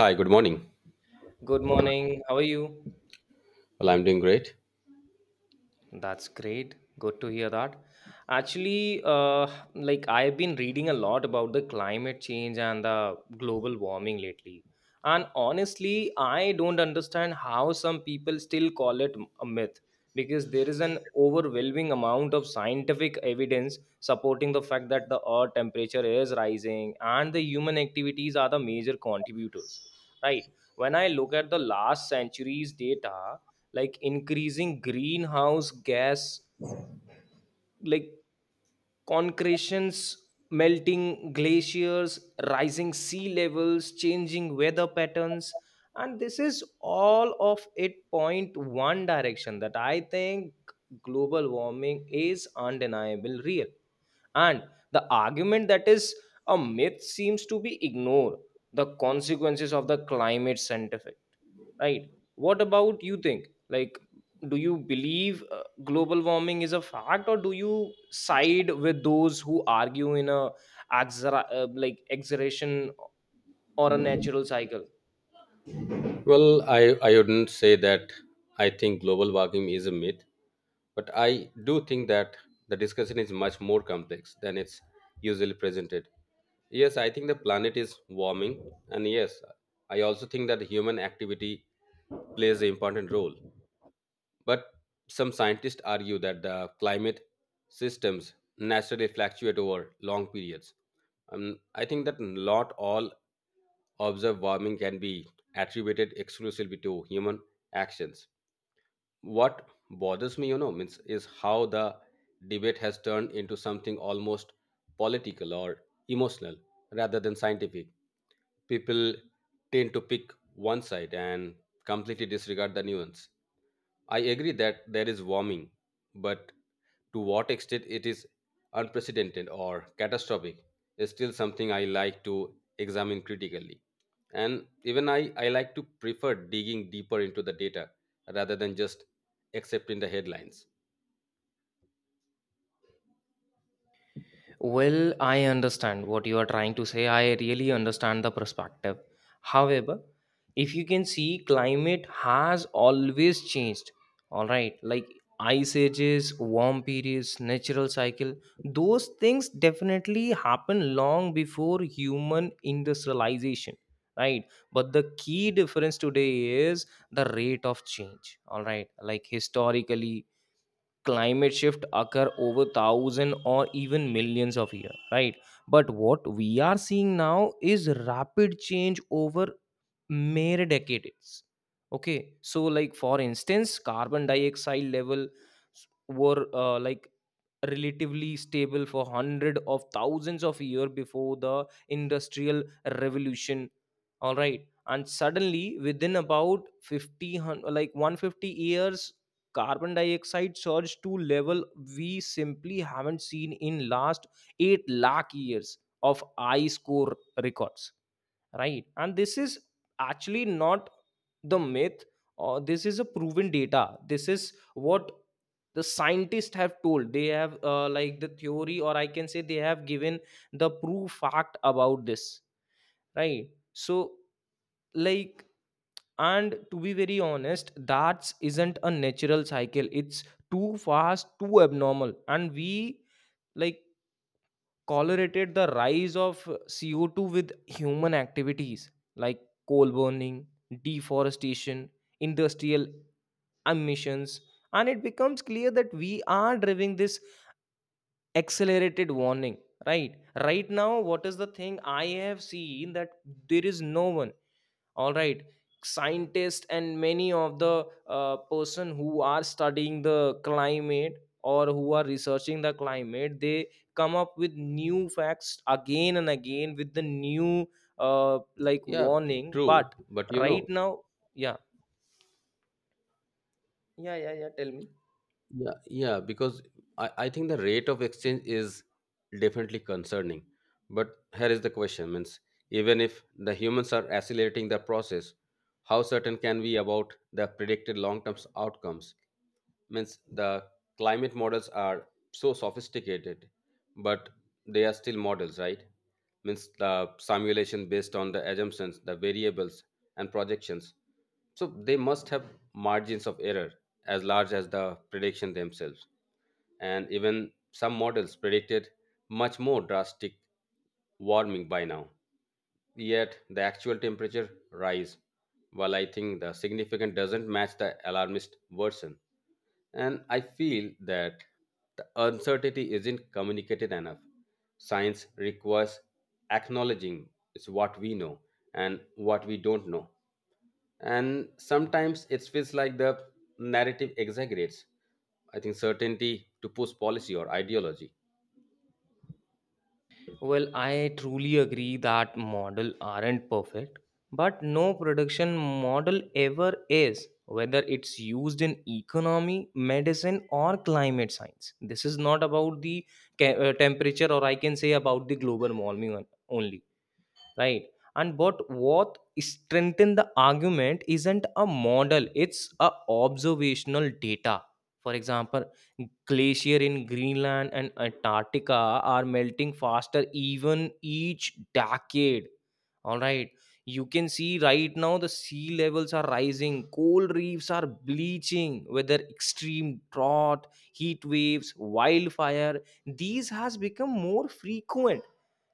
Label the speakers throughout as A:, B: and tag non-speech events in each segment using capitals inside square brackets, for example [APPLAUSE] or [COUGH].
A: Hi, good morning.
B: Good morning. How are you?
A: Well, I'm doing great.
B: That's great. Good to hear that. Actually, like I've been reading a lot about the climate change and the global warming lately. And honestly, I don't understand how some people still call it a myth because there is an overwhelming amount of scientific evidence supporting the fact that the earth temperature is rising and the human activities are the major contributors, right? When I look at the last century's data, like increasing greenhouse gas, like concretions, melting glaciers, rising sea levels, changing weather patterns, and this is all of it point one direction that I think global warming is undeniable real. And the argument that is a myth seems to be ignored, the consequences of the climate scientific, right? What about you think, like, do you believe, global warming is a fact, or do you side with those who argue in a like exaggeration or a natural cycle?
A: Well, I wouldn't say that I think global warming is a myth, but I do think that the discussion is much more complex than it's usually presented. Yes, I think the planet is warming, and yes, I also think that human activity plays an important role. But some scientists argue that the climate systems naturally fluctuate over long periods. I think that not all observed warming can be attributed exclusively to human actions. What bothers me, means is how the debate has turned into something almost political or emotional rather than scientific. People tend to pick one side and completely disregard the nuance. I agree that there is warming, but to what extent it is unprecedented or catastrophic is still something I like to examine critically. And even I like to prefer digging deeper into the data rather than just accepting the headlines.
B: Well, I understand what you are trying to say. I really understand the perspective. However, if you can see, climate has always changed. All right, like ice ages, warm periods, natural cycle, those things definitely happen long before human industrialization, right? But the key difference today is the rate of change. All right, like historically, climate shift occur over thousand or even millions of years, right? But what we are seeing now is rapid change over mere decades. Okay, so like for instance, carbon dioxide level were like relatively stable for hundred of thousands of years before the industrial revolution. All right, and suddenly within about 50 hun- like 150 years, carbon dioxide surged to level we simply haven't seen in last 8 lakh years of ice core records, right? And this is actually not the myth, or this is a proven data. This is what the scientists have told. They have, like, the theory, or I can say they have given the proof fact about this, right? So like, and to be very honest, that isn't a natural cycle. It's too fast, too abnormal, and we like correlated the rise of CO2 with human activities, like coal burning, deforestation, industrial emissions, and it becomes clear that we are driving this accelerated warning, right? Right now, what is the thing I have seen that there is no one, all right, scientists and many of the, person who are studying the climate or who are researching the climate, they come up with new facts again and again with the new, like,
A: Yeah,
B: warning.
A: true.
B: But
A: But you know,
B: right now, yeah, yeah, yeah, yeah, tell me.
A: yeah, yeah, because I think the rate of exchange is definitely concerning. But here is the question means even if the humans are accelerating the process, how certain can we about the predicted long term outcomes? Means the climate models are so sophisticated, but they are still models, right? Means the simulation based on the assumptions, the variables, and projections, so they must have margins of error as large as the prediction themselves. And even some models predicted much more drastic warming by now. Yet the actual temperature rise, while I think the significant doesn't match the alarmist version. And I feel that the uncertainty isn't communicated enough. Science requires acknowledging is what we know and what we don't know. And sometimes it feels like the narrative exaggerates, I think, certainty to push policy or ideology.
B: Well, I truly agree that model aren't perfect, but no production model ever is, whether it's used in economy, medicine, or climate science. This is not about the temperature, or I can say about the global warming only, right? And what strengthen the argument isn't a model, it's a observational data. For example, glacier in greenland and antarctica are melting faster even each decade. All right, you can see right now the sea levels are rising, coral reefs are bleaching, whether extreme drought, heat waves, wildfire, these has become more frequent.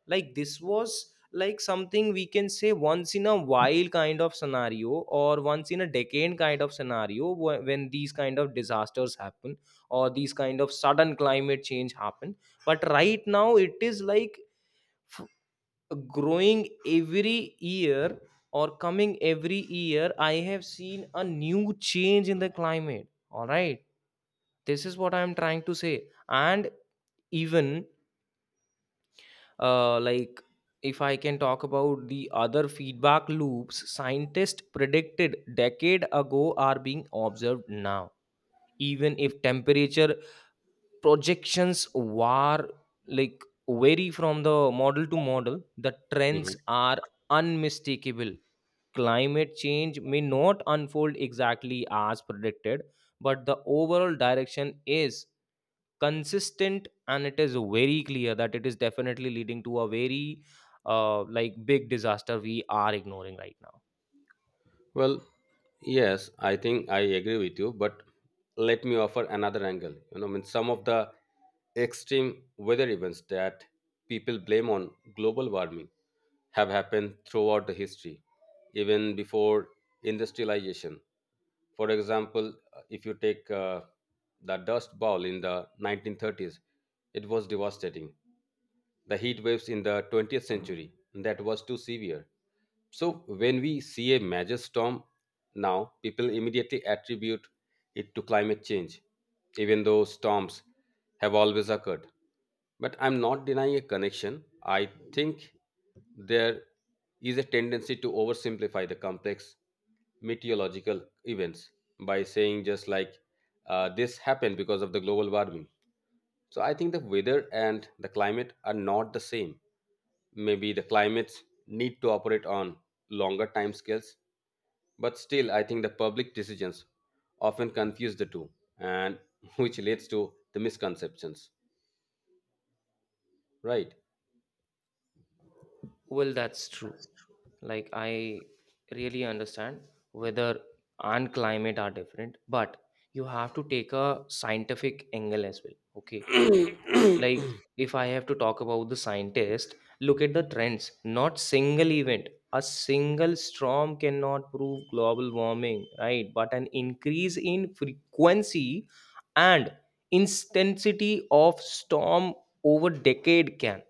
B: Like, this was like something we can say once in a while kind of scenario, or once in a decade kind of scenario when these kind of disasters happen or these kind of sudden climate change happen. But right now it is like f- growing every year, or coming every year. I have seen a new change in the climate, all right? This is what I am trying to say. And even, like, if I can talk about the other feedback loops, scientists predicted decade ago are being observed now. Even if temperature projections were like vary from the model to model, the trends
A: Mm-hmm.
B: are unmistakable. Climate change may not unfold exactly as predicted, but the overall direction is consistent, and it is very clear that it is definitely leading to a very, like, big disaster we are ignoring right now.
A: Well, yes, I think I agree with you, but let me offer another angle. You know, I mean, some of the extreme weather events that people blame on global warming have happened throughout the history, even before industrialization. For example, if you take the dust bowl in the 1930s, it was devastating. The heat waves in the 20th century, that was too severe. So when we see a major storm now, people immediately attribute it to climate change, even though storms have always occurred. But I'm not denying a connection. I think there is a tendency to oversimplify the complex meteorological events by saying just like, this happened because of the global warming. So I think the weather and the climate are not the same. Maybe the climates need to operate on longer time scales, but still I think the public decisions often confuse the two and [LAUGHS] which leads to the misconceptions, right?
B: Well, that's true. Like, I really understand weather and climate are different, but you have to take a scientific angle as well, okay? Like, if I have to talk about the scientist, look at the trends, not single event. A single storm cannot prove global warming, right? But an increase in frequency and intensity of storm over decade can,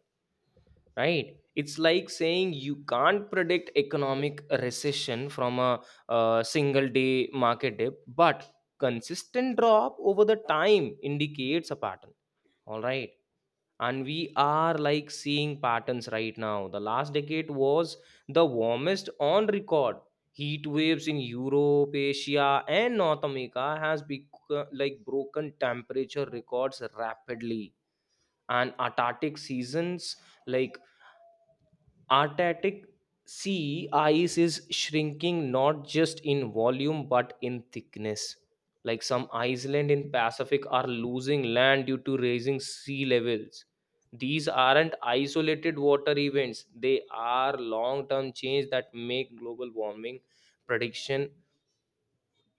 B: right? It's like saying you can't predict economic recession from a single day market dip, but consistent drop over the time indicates a pattern, all right? And we are like seeing patterns right now. The last decade was the warmest on record. Heat waves in europe, asia and north america has become like broken temperature records rapidly. And antarctic seasons, like, Antarctic sea ice is shrinking not just in volume but in thickness. Like, some island in Pacific are losing land due to rising sea levels. These aren't isolated water events. They are long-term change that make global warming prediction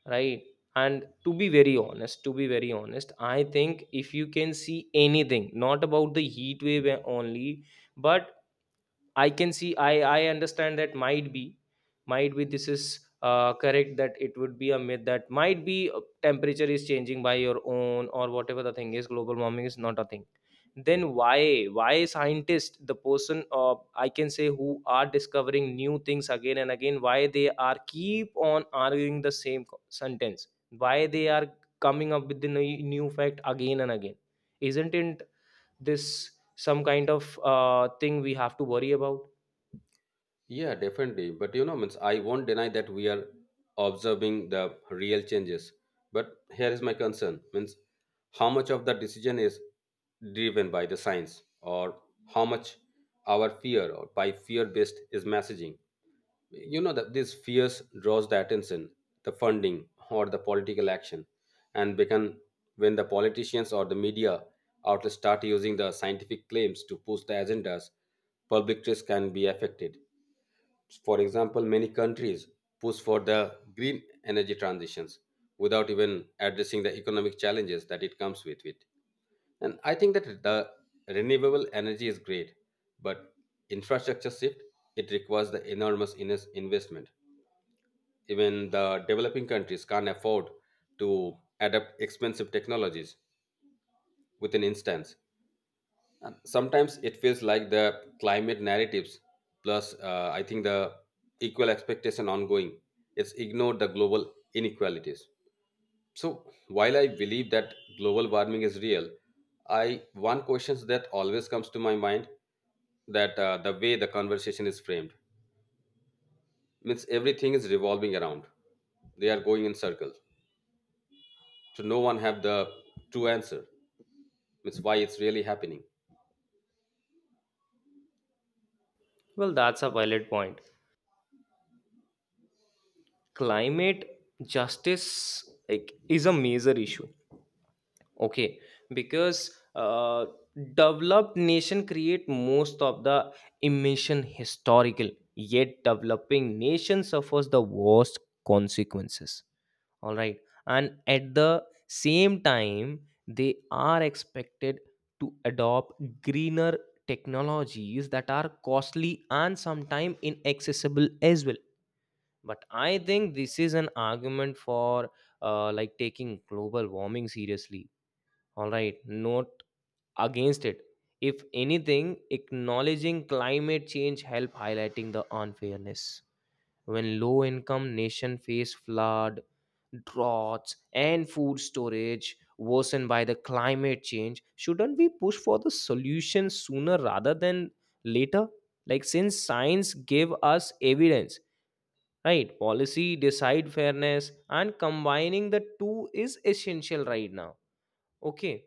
B: right. And to be very honest, I think if you can see anything, not about the heat wave only, but I can see, I understand that might be this is, correct, that it would be a myth, that might be, temperature is changing by your own, or whatever the thing is, global warming is not a thing. Then why scientists, the person, I can say, who are discovering new things again and again, why they are keep on arguing the same sentence? Why they are coming up with the new fact again and again? Isn't it this some kind of, thing we have to worry about?
A: Yeah, definitely. But you know, means I won't deny that we are observing the real changes. But here is my concern: means how much of the decision is driven by the science, or how much our fear or by fear-based is messaging. You know that these fears draws the attention, the funding, or the political action, and become when the politicians or the media outlets start using the scientific claims to push the agendas, public trust can be affected. For example, many countries push for the green energy transitions without even addressing the economic challenges that it comes with it. And I think that the renewable energy is great, but infrastructure shift, it requires the enormous investment. Even the developing countries can't afford to adapt expensive technologies within instance. And sometimes it feels like the climate narratives, plus I think the equal expectation ongoing, it's ignored the global inequalities. So while I believe that global warming is real, I one question that always comes to my mind that the way the conversation is framed means everything is revolving around. They are going in circles. So no one have the true answer. Means why it's really happening.
B: Well, that's a valid point. Climate justice, like, is a major issue. Okay, because, developed nation create most of the emission historical, yet developing nation suffers the worst consequences. All right, and at the same time, they are expected to adopt greener technologies that are costly and sometimes inaccessible as well. But I think this is an argument for, like, taking global warming seriously, all right, not against it. If anything, acknowledging climate change help highlighting the unfairness. When low income nation face flood, droughts and food storage worsened by the climate change, shouldn't we push for the solution sooner rather than later? Like, since science give us evidence, right, policy decide fairness, and combining the two is essential right now, okay?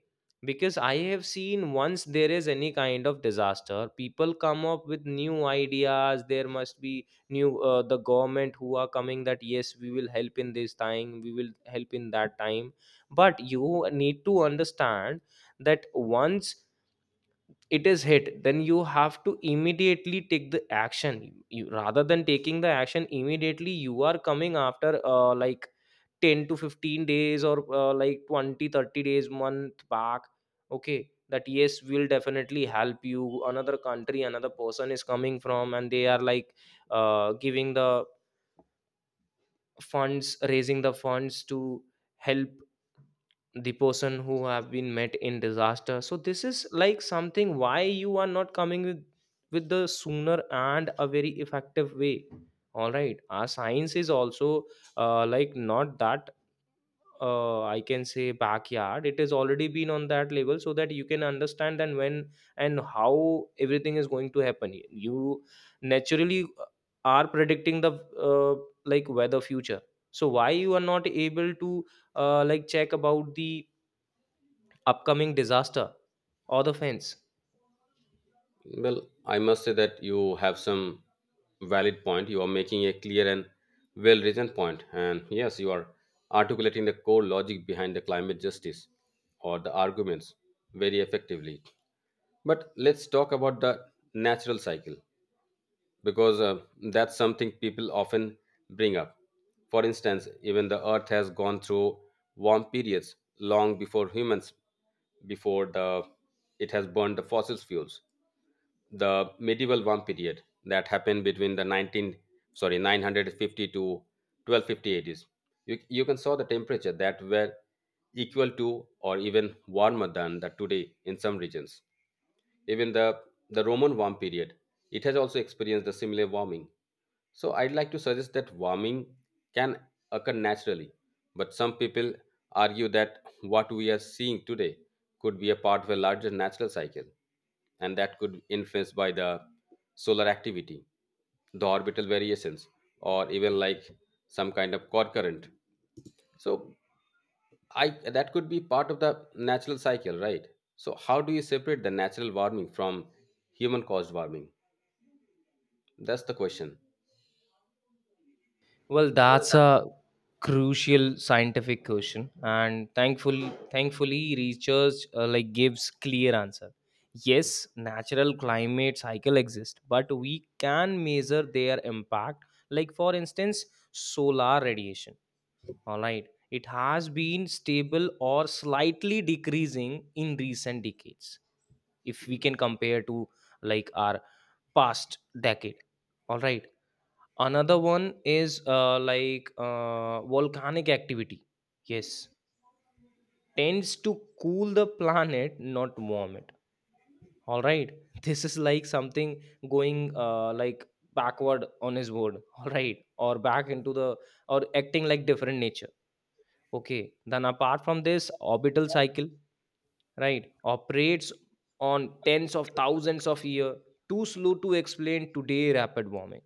B: Because I have seen once there is any kind of disaster, people come up with new ideas. There must be new, the government who are coming that yes, we will help in this time, we will help in that time. But you need to understand that once it is hit, then you have to immediately take the action, you, rather than taking the action immediately, you are coming after, like, 10 to 15 days, or, like, 20-30 days month back, okay, that yes will definitely help you. Another country, another person is coming from, and they are like, giving the funds, raising the funds to help the person who have been met in disaster. So this is like something, why you are not coming with the sooner and a very effective way? All right, our science is also, like, not that, I can say, backyard. It has already been on that level so that you can understand, and when and how everything is going to happen, you naturally, are predicting the, like, weather future. So why you are not able to, like, check about the upcoming disaster or the fence?
A: Well, I must say that you have some valid point. You are making a clear and well written point. And yes, you are articulating the core logic behind the climate justice or the arguments very effectively. But let's talk about the natural cycle, because that's something people often bring up. For instance, even the earth has gone through warm periods long before humans, before the it has burned the fossil fuels, the medieval warm period that happened between the 19 sorry 950 to 1250 ADs. You can saw the temperature that were equal to or even warmer than the today in some regions. Even the Roman warm period, it has also experienced the similar warming. So I'd like to suggest that warming can occur naturally, but some people argue that what we are seeing today could be a part of a larger natural cycle, and that could be influenced by the solar activity, the orbital variations, or even like some kind of core current. So I that could be part of the natural cycle, right? So how do you separate the natural warming from human caused warming? That's the question.
B: Well, that's a crucial scientific question, and thankfully, research, like, gives clear answer. Yes, natural climate cycle exist, but we can measure their impact. Like, for instance, solar radiation. All right, it has been stable or slightly decreasing in recent decades. If we can compare to, like, our past decade, all right, another one is, like, volcanic activity, yes, tends to cool the planet, not warm it, all right. [LAUGHS] This is like something going, like, backward on his word [LAUGHS] all right, or back into the, or acting like different nature. Okay, then apart from this orbital cycle, right, operates on tens of thousands of year, too slow to explain today rapid warming.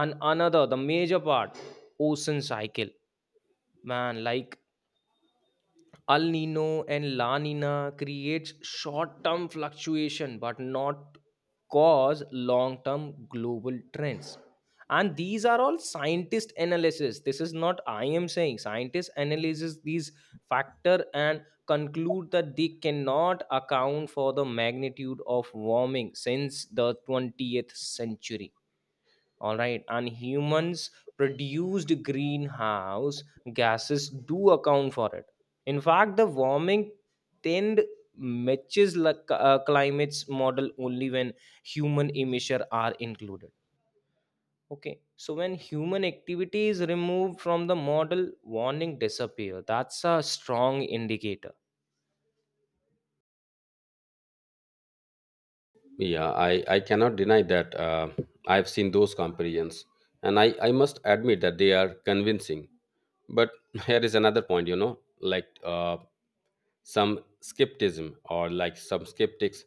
B: And another, the major part, ocean cycle. Man, like, El Nino and La Nina creates short-term fluctuation but not cause long-term global trends. And these are all scientist analysis. This is not I am saying. Scientists analysis these factor and conclude that they cannot account for the magnitude of warming since the 20th century, all right, and humans produced greenhouse gases do account for it. In fact, the warming trend matches like climate's model only when human emissions are included. Okay, so when human activity is removed from the model, warning disappear. That's a strong indicator.
A: Yeah, I cannot deny that I've seen those comparisons, and I must admit that they are convincing. But [LAUGHS] here is another point, you know, like some skepticism, or like some skeptics,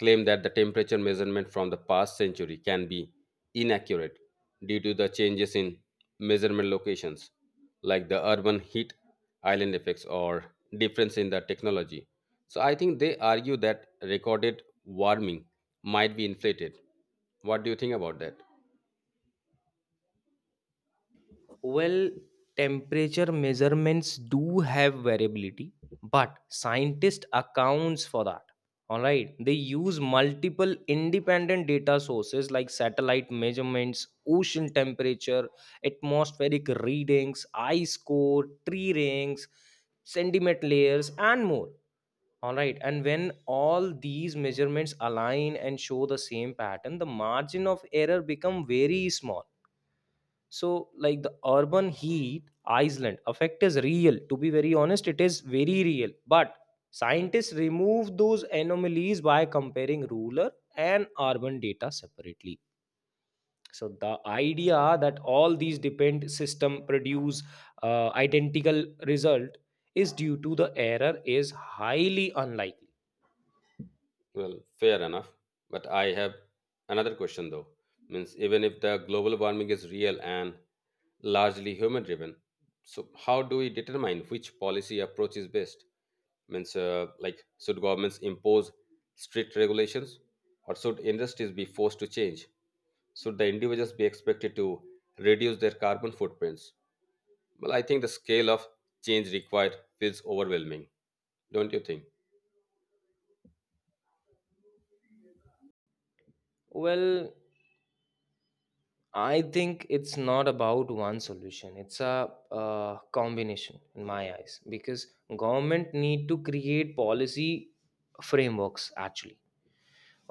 A: claim that the temperature measurement from the past century can be inaccurate due to the changes in measurement locations, like the urban heat island effects or difference in the technology. So I think they argue that recorded warming might be inflated. What do you think about that?
B: Well, temperature measurements do have variability, but scientists accounts for that. All right, they use multiple independent data sources like satellite measurements, ocean temperature, atmospheric readings, ice core, tree rings, sediment layers, and more. All right, and when all these measurements align and show the same pattern, the margin of error become very small. So, like, the urban heat island effect is real. To be very honest, it is very real. But scientists remove those anomalies by comparing rural and urban data separately. So the idea that all these depend system produce identical result is due to the error is highly unlikely.
A: Well, fair enough. But I have another question though. Means even if the global warming is real and largely human driven. So, how do we determine which policy approach is best? Means, like, should governments impose strict regulations or should industries be forced to change? Should the individuals be expected to reduce their carbon footprints? Well, I think the scale of change required feels overwhelming, don't you think?
B: Well, I think it's not about one solution. It's a, combination in my eyes, because government need to create policy frameworks actually.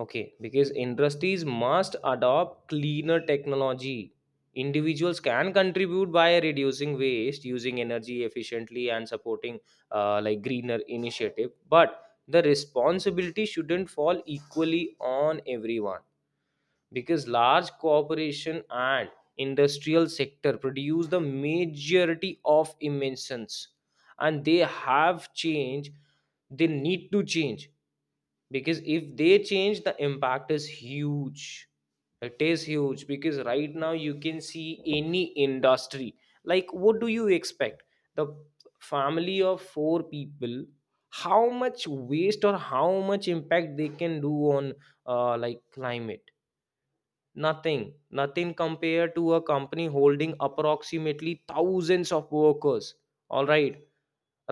B: Okay, because industries must adopt cleaner technology. Individuals can contribute by reducing waste, using energy efficiently, and supporting like greener initiative. But the responsibility shouldn't fall equally on everyone, because large corporation and industrial sector produce the majority of emissions, and they have change, they need to change, because if they change the impact is huge. It is huge, because right now you can see any industry. Like, what do you expect the family of four people, how much waste or how much impact they can do on like climate? Nothing, nothing compared to a company holding approximately thousands of workers. All right,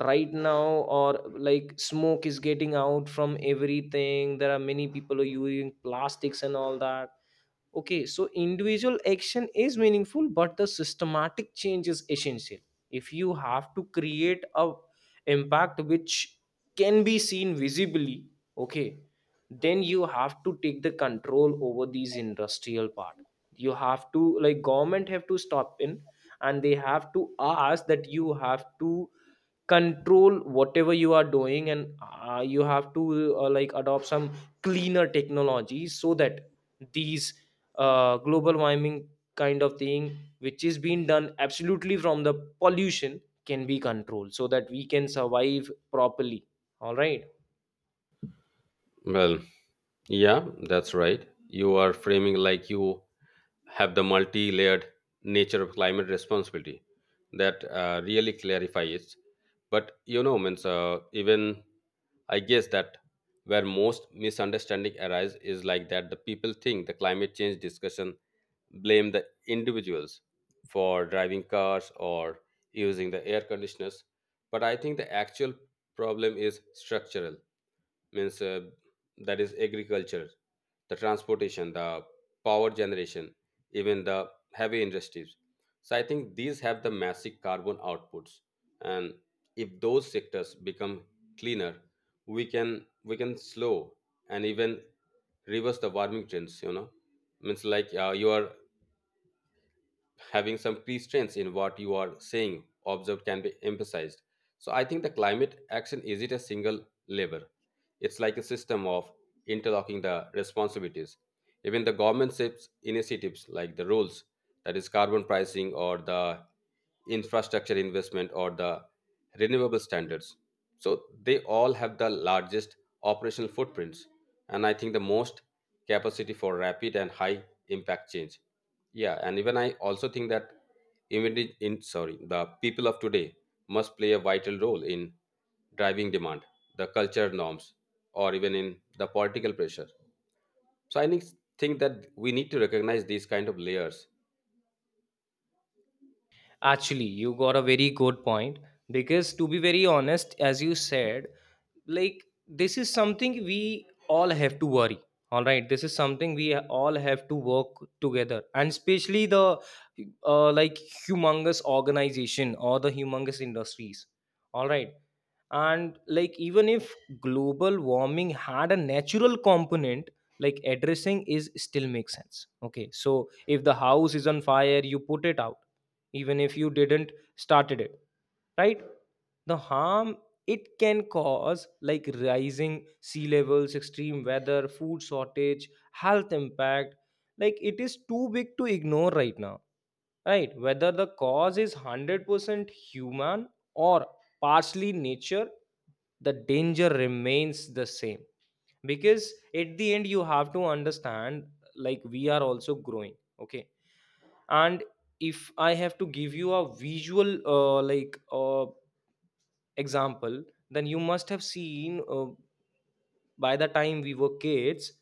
B: right now, or like smoke is getting out from everything. There are many people who are using plastics and all that. Okay, so individual action is meaningful, but the systematic change is essential. If you have to create a impact which can be seen visibly, okay, then you have to take the control over these industrial part. You have to, like, government have to stop in and they have to ask that you have to control whatever you are doing, and you have to like adopt some cleaner technology so that these global warming kind of thing which is being done absolutely from the pollution can be controlled so that we can survive properly, all right.
A: Well, yeah, that's right. You are framing like you have the multi layered nature of climate responsibility that really clarifies. But you know, means even I guess that where most misunderstanding arise is like that the people think the climate change discussion blame the individuals for driving cars or using the air conditioners. But I think the actual problem is structural means that is agriculture, the transportation, the power generation, even the heavy industries. So I think these have the massive carbon outputs, and if those sectors become cleaner, we can slow and even reverse the warming trends, you know. Means like you are having some constraints in what you are saying observed can be emphasized. So I think the climate action is it a single labor. It's like a system of interlocking the responsibilities. Even the government sets initiatives like the rules, that is carbon pricing or the infrastructure investment or the renewable standards. So they all have the largest operational footprints, and I think the most capacity for rapid and high impact change. Yeah, and even I also think that even the people of today must play a vital role in driving demand, the culture norms, or even in the political pressure. So I think that we need to recognize these kind of layers.
B: Actually, you got a very good point, because to be very honest, as you said, like, this is something we all have to worry, all right, this is something we all have to work together, and especially the like humongous organization or the humongous industries, all right. And like, even if global warming had a natural component, like addressing is still makes sense. Okay, so if the house is on fire, you put it out, even if you didn't started it, right? The harm it can cause, like rising sea levels, extreme weather, food shortage, health impact, like, it is too big to ignore right now, right? Whether the cause is 100% human or partially nature, the danger remains the same, because at the end you have to understand, like, we are also growing. Okay. And if I have to give you a visual example, then you must have seen, by the time we were kids,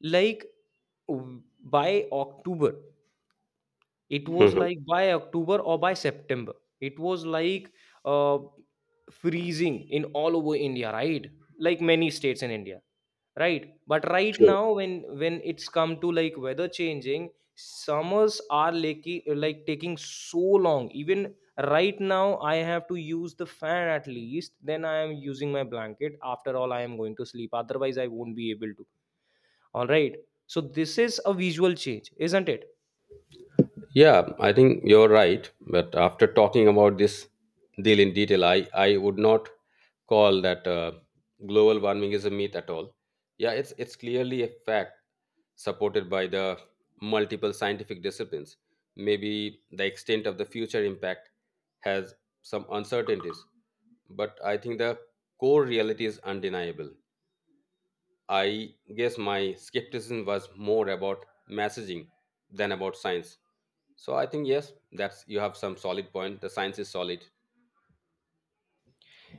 B: like, by october it was
A: Mhm.
B: like by October or by September. It was like uh, freezing in all over India, right? Like many states in India, right? But right
A: True.
B: now, when it's come to like weather changing, summers are like taking so long. Even right now, I have to use the fan at least. Then I am using my blanket. After all, I am going to sleep. Otherwise, I won't be able to. All right. So this is a visual change, isn't it?
A: Yeah, I think you're right. But after talking about this deal in detail, I would not call that global warming is a myth at all. Yeah, it's clearly a fact supported by the multiple scientific disciplines. Maybe the extent of the future impact has some uncertainties, but I think the core reality is undeniable. I guess my skepticism was more about messaging than about science. So I think yes, that's you have some solid point. The science is solid.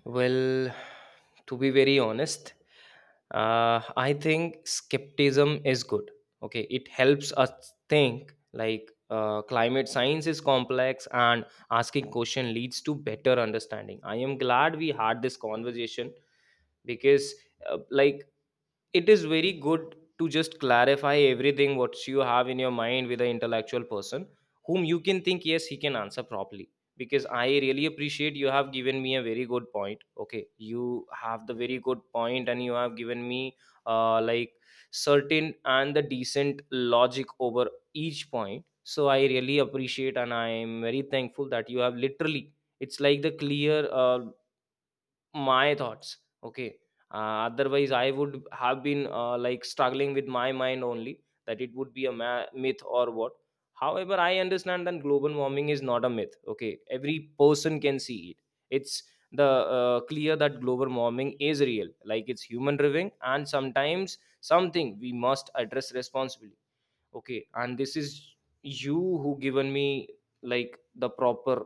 B: Well, to be very honest, I think skepticism is good. Okay, it helps us think. Like, climate science is complex, and asking question leads to better understanding. I am glad we had this conversation, because like, it is very good to just clarify everything what you have in your mind with an intellectual person whom you can think yes he can answer properly. Because I really appreciate, you have given me a very good point. Okay, you have the very good point, and you have given me like certain and the decent logic over each point. So I really appreciate, and I am very thankful that you have literally, it's like the clear my thoughts. Okay. Otherwise, I would have been like struggling with my mind only that it would be a myth or what. However, I understand that global warming is not a myth. Okay. Every person can see it. It's the clear that global warming is real, like it's human driven, and sometimes something we must address responsibly. Okay. And this is you who given me like the proper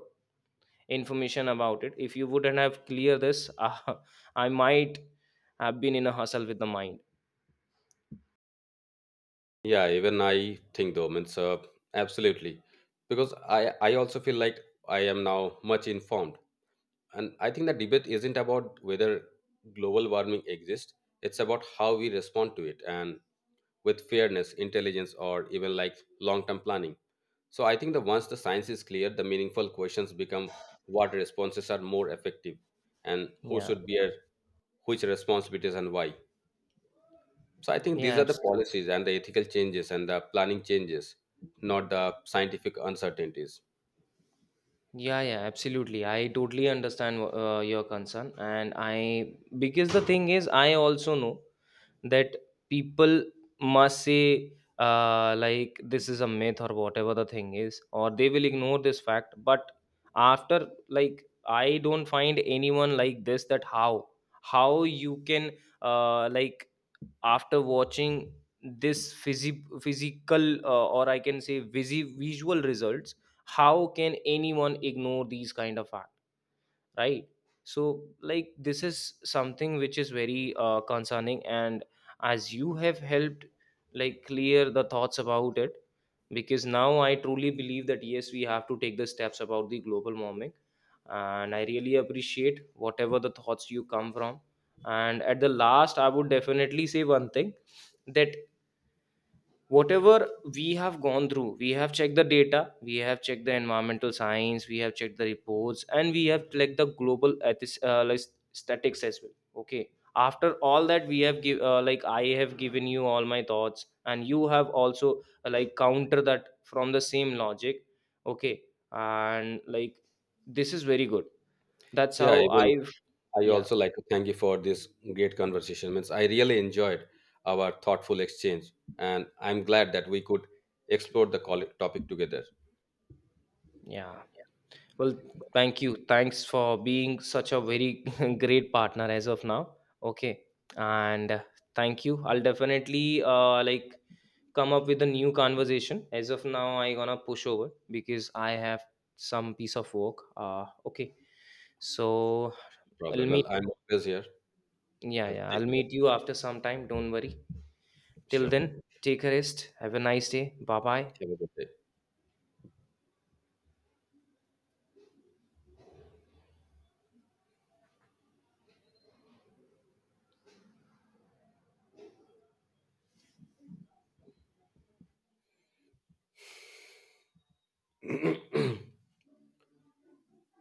B: information about it. If you wouldn't have clear this [LAUGHS] I might have been in a hustle with the mind.
A: Yeah, even I think though, means absolutely, because I also feel like I am now much informed. And I think the debate isn't about whether global warming exists, it's about how we respond to it and with fairness, intelligence, or even like long term planning. So I think that once the science is clear, the meaningful questions become what responses are more effective and who
B: Yeah,
A: should bear which responsibilities and why. So I think these
B: yeah,
A: are the policies and the ethical changes and the planning changes, not the scientific uncertainties.
B: yeah, yeah, absolutely, I totally understand your concern. And I, because the thing is I also know that people must say like this is a myth or whatever the thing is, or they will ignore this fact. But after, like, I don't find anyone like this, that how you can like, after watching this physical or I can say visual results, how can anyone ignore these kind of, right? So like, this is something which is very concerning, and as you have helped like clear the thoughts about it, because now I truly believe that yes, we have to take the steps about the global warming. And I really appreciate whatever the thoughts you come from. And at the last, I would definitely say one thing, that whatever we have gone through, we have checked the data, we have checked the environmental science, we have checked the reports, and we have checked the global ethis, like statics as well. Okay, after all that we have give, like, I have given you all my thoughts, and you have also like counter that from the same logic. Okay. And like, this is very good. That's
A: Yeah,
B: how
A: even
B: I've,
A: I
B: yeah,
A: also like to thank you for this great conversation. Means I really enjoyed our thoughtful exchange, and I'm glad that we could explore the topic together.
B: yeah. Well, thank you. Thanks for being such a very [LAUGHS] great partner as of now. Okay. And thank you. I'll definitely like come up with a new conversation. As of now, I gonna push over because I have some piece of work. Uh, okay. So I'll
A: Problem.
B: meet,
A: Well, I'm always here.
B: yeah,
A: Well,
B: yeah,
A: take
B: I'll
A: care.
B: meet you after some time. Don't worry. Till
A: Sure.
B: then, take a rest. Have a nice day. Bye bye.
A: Have a good day.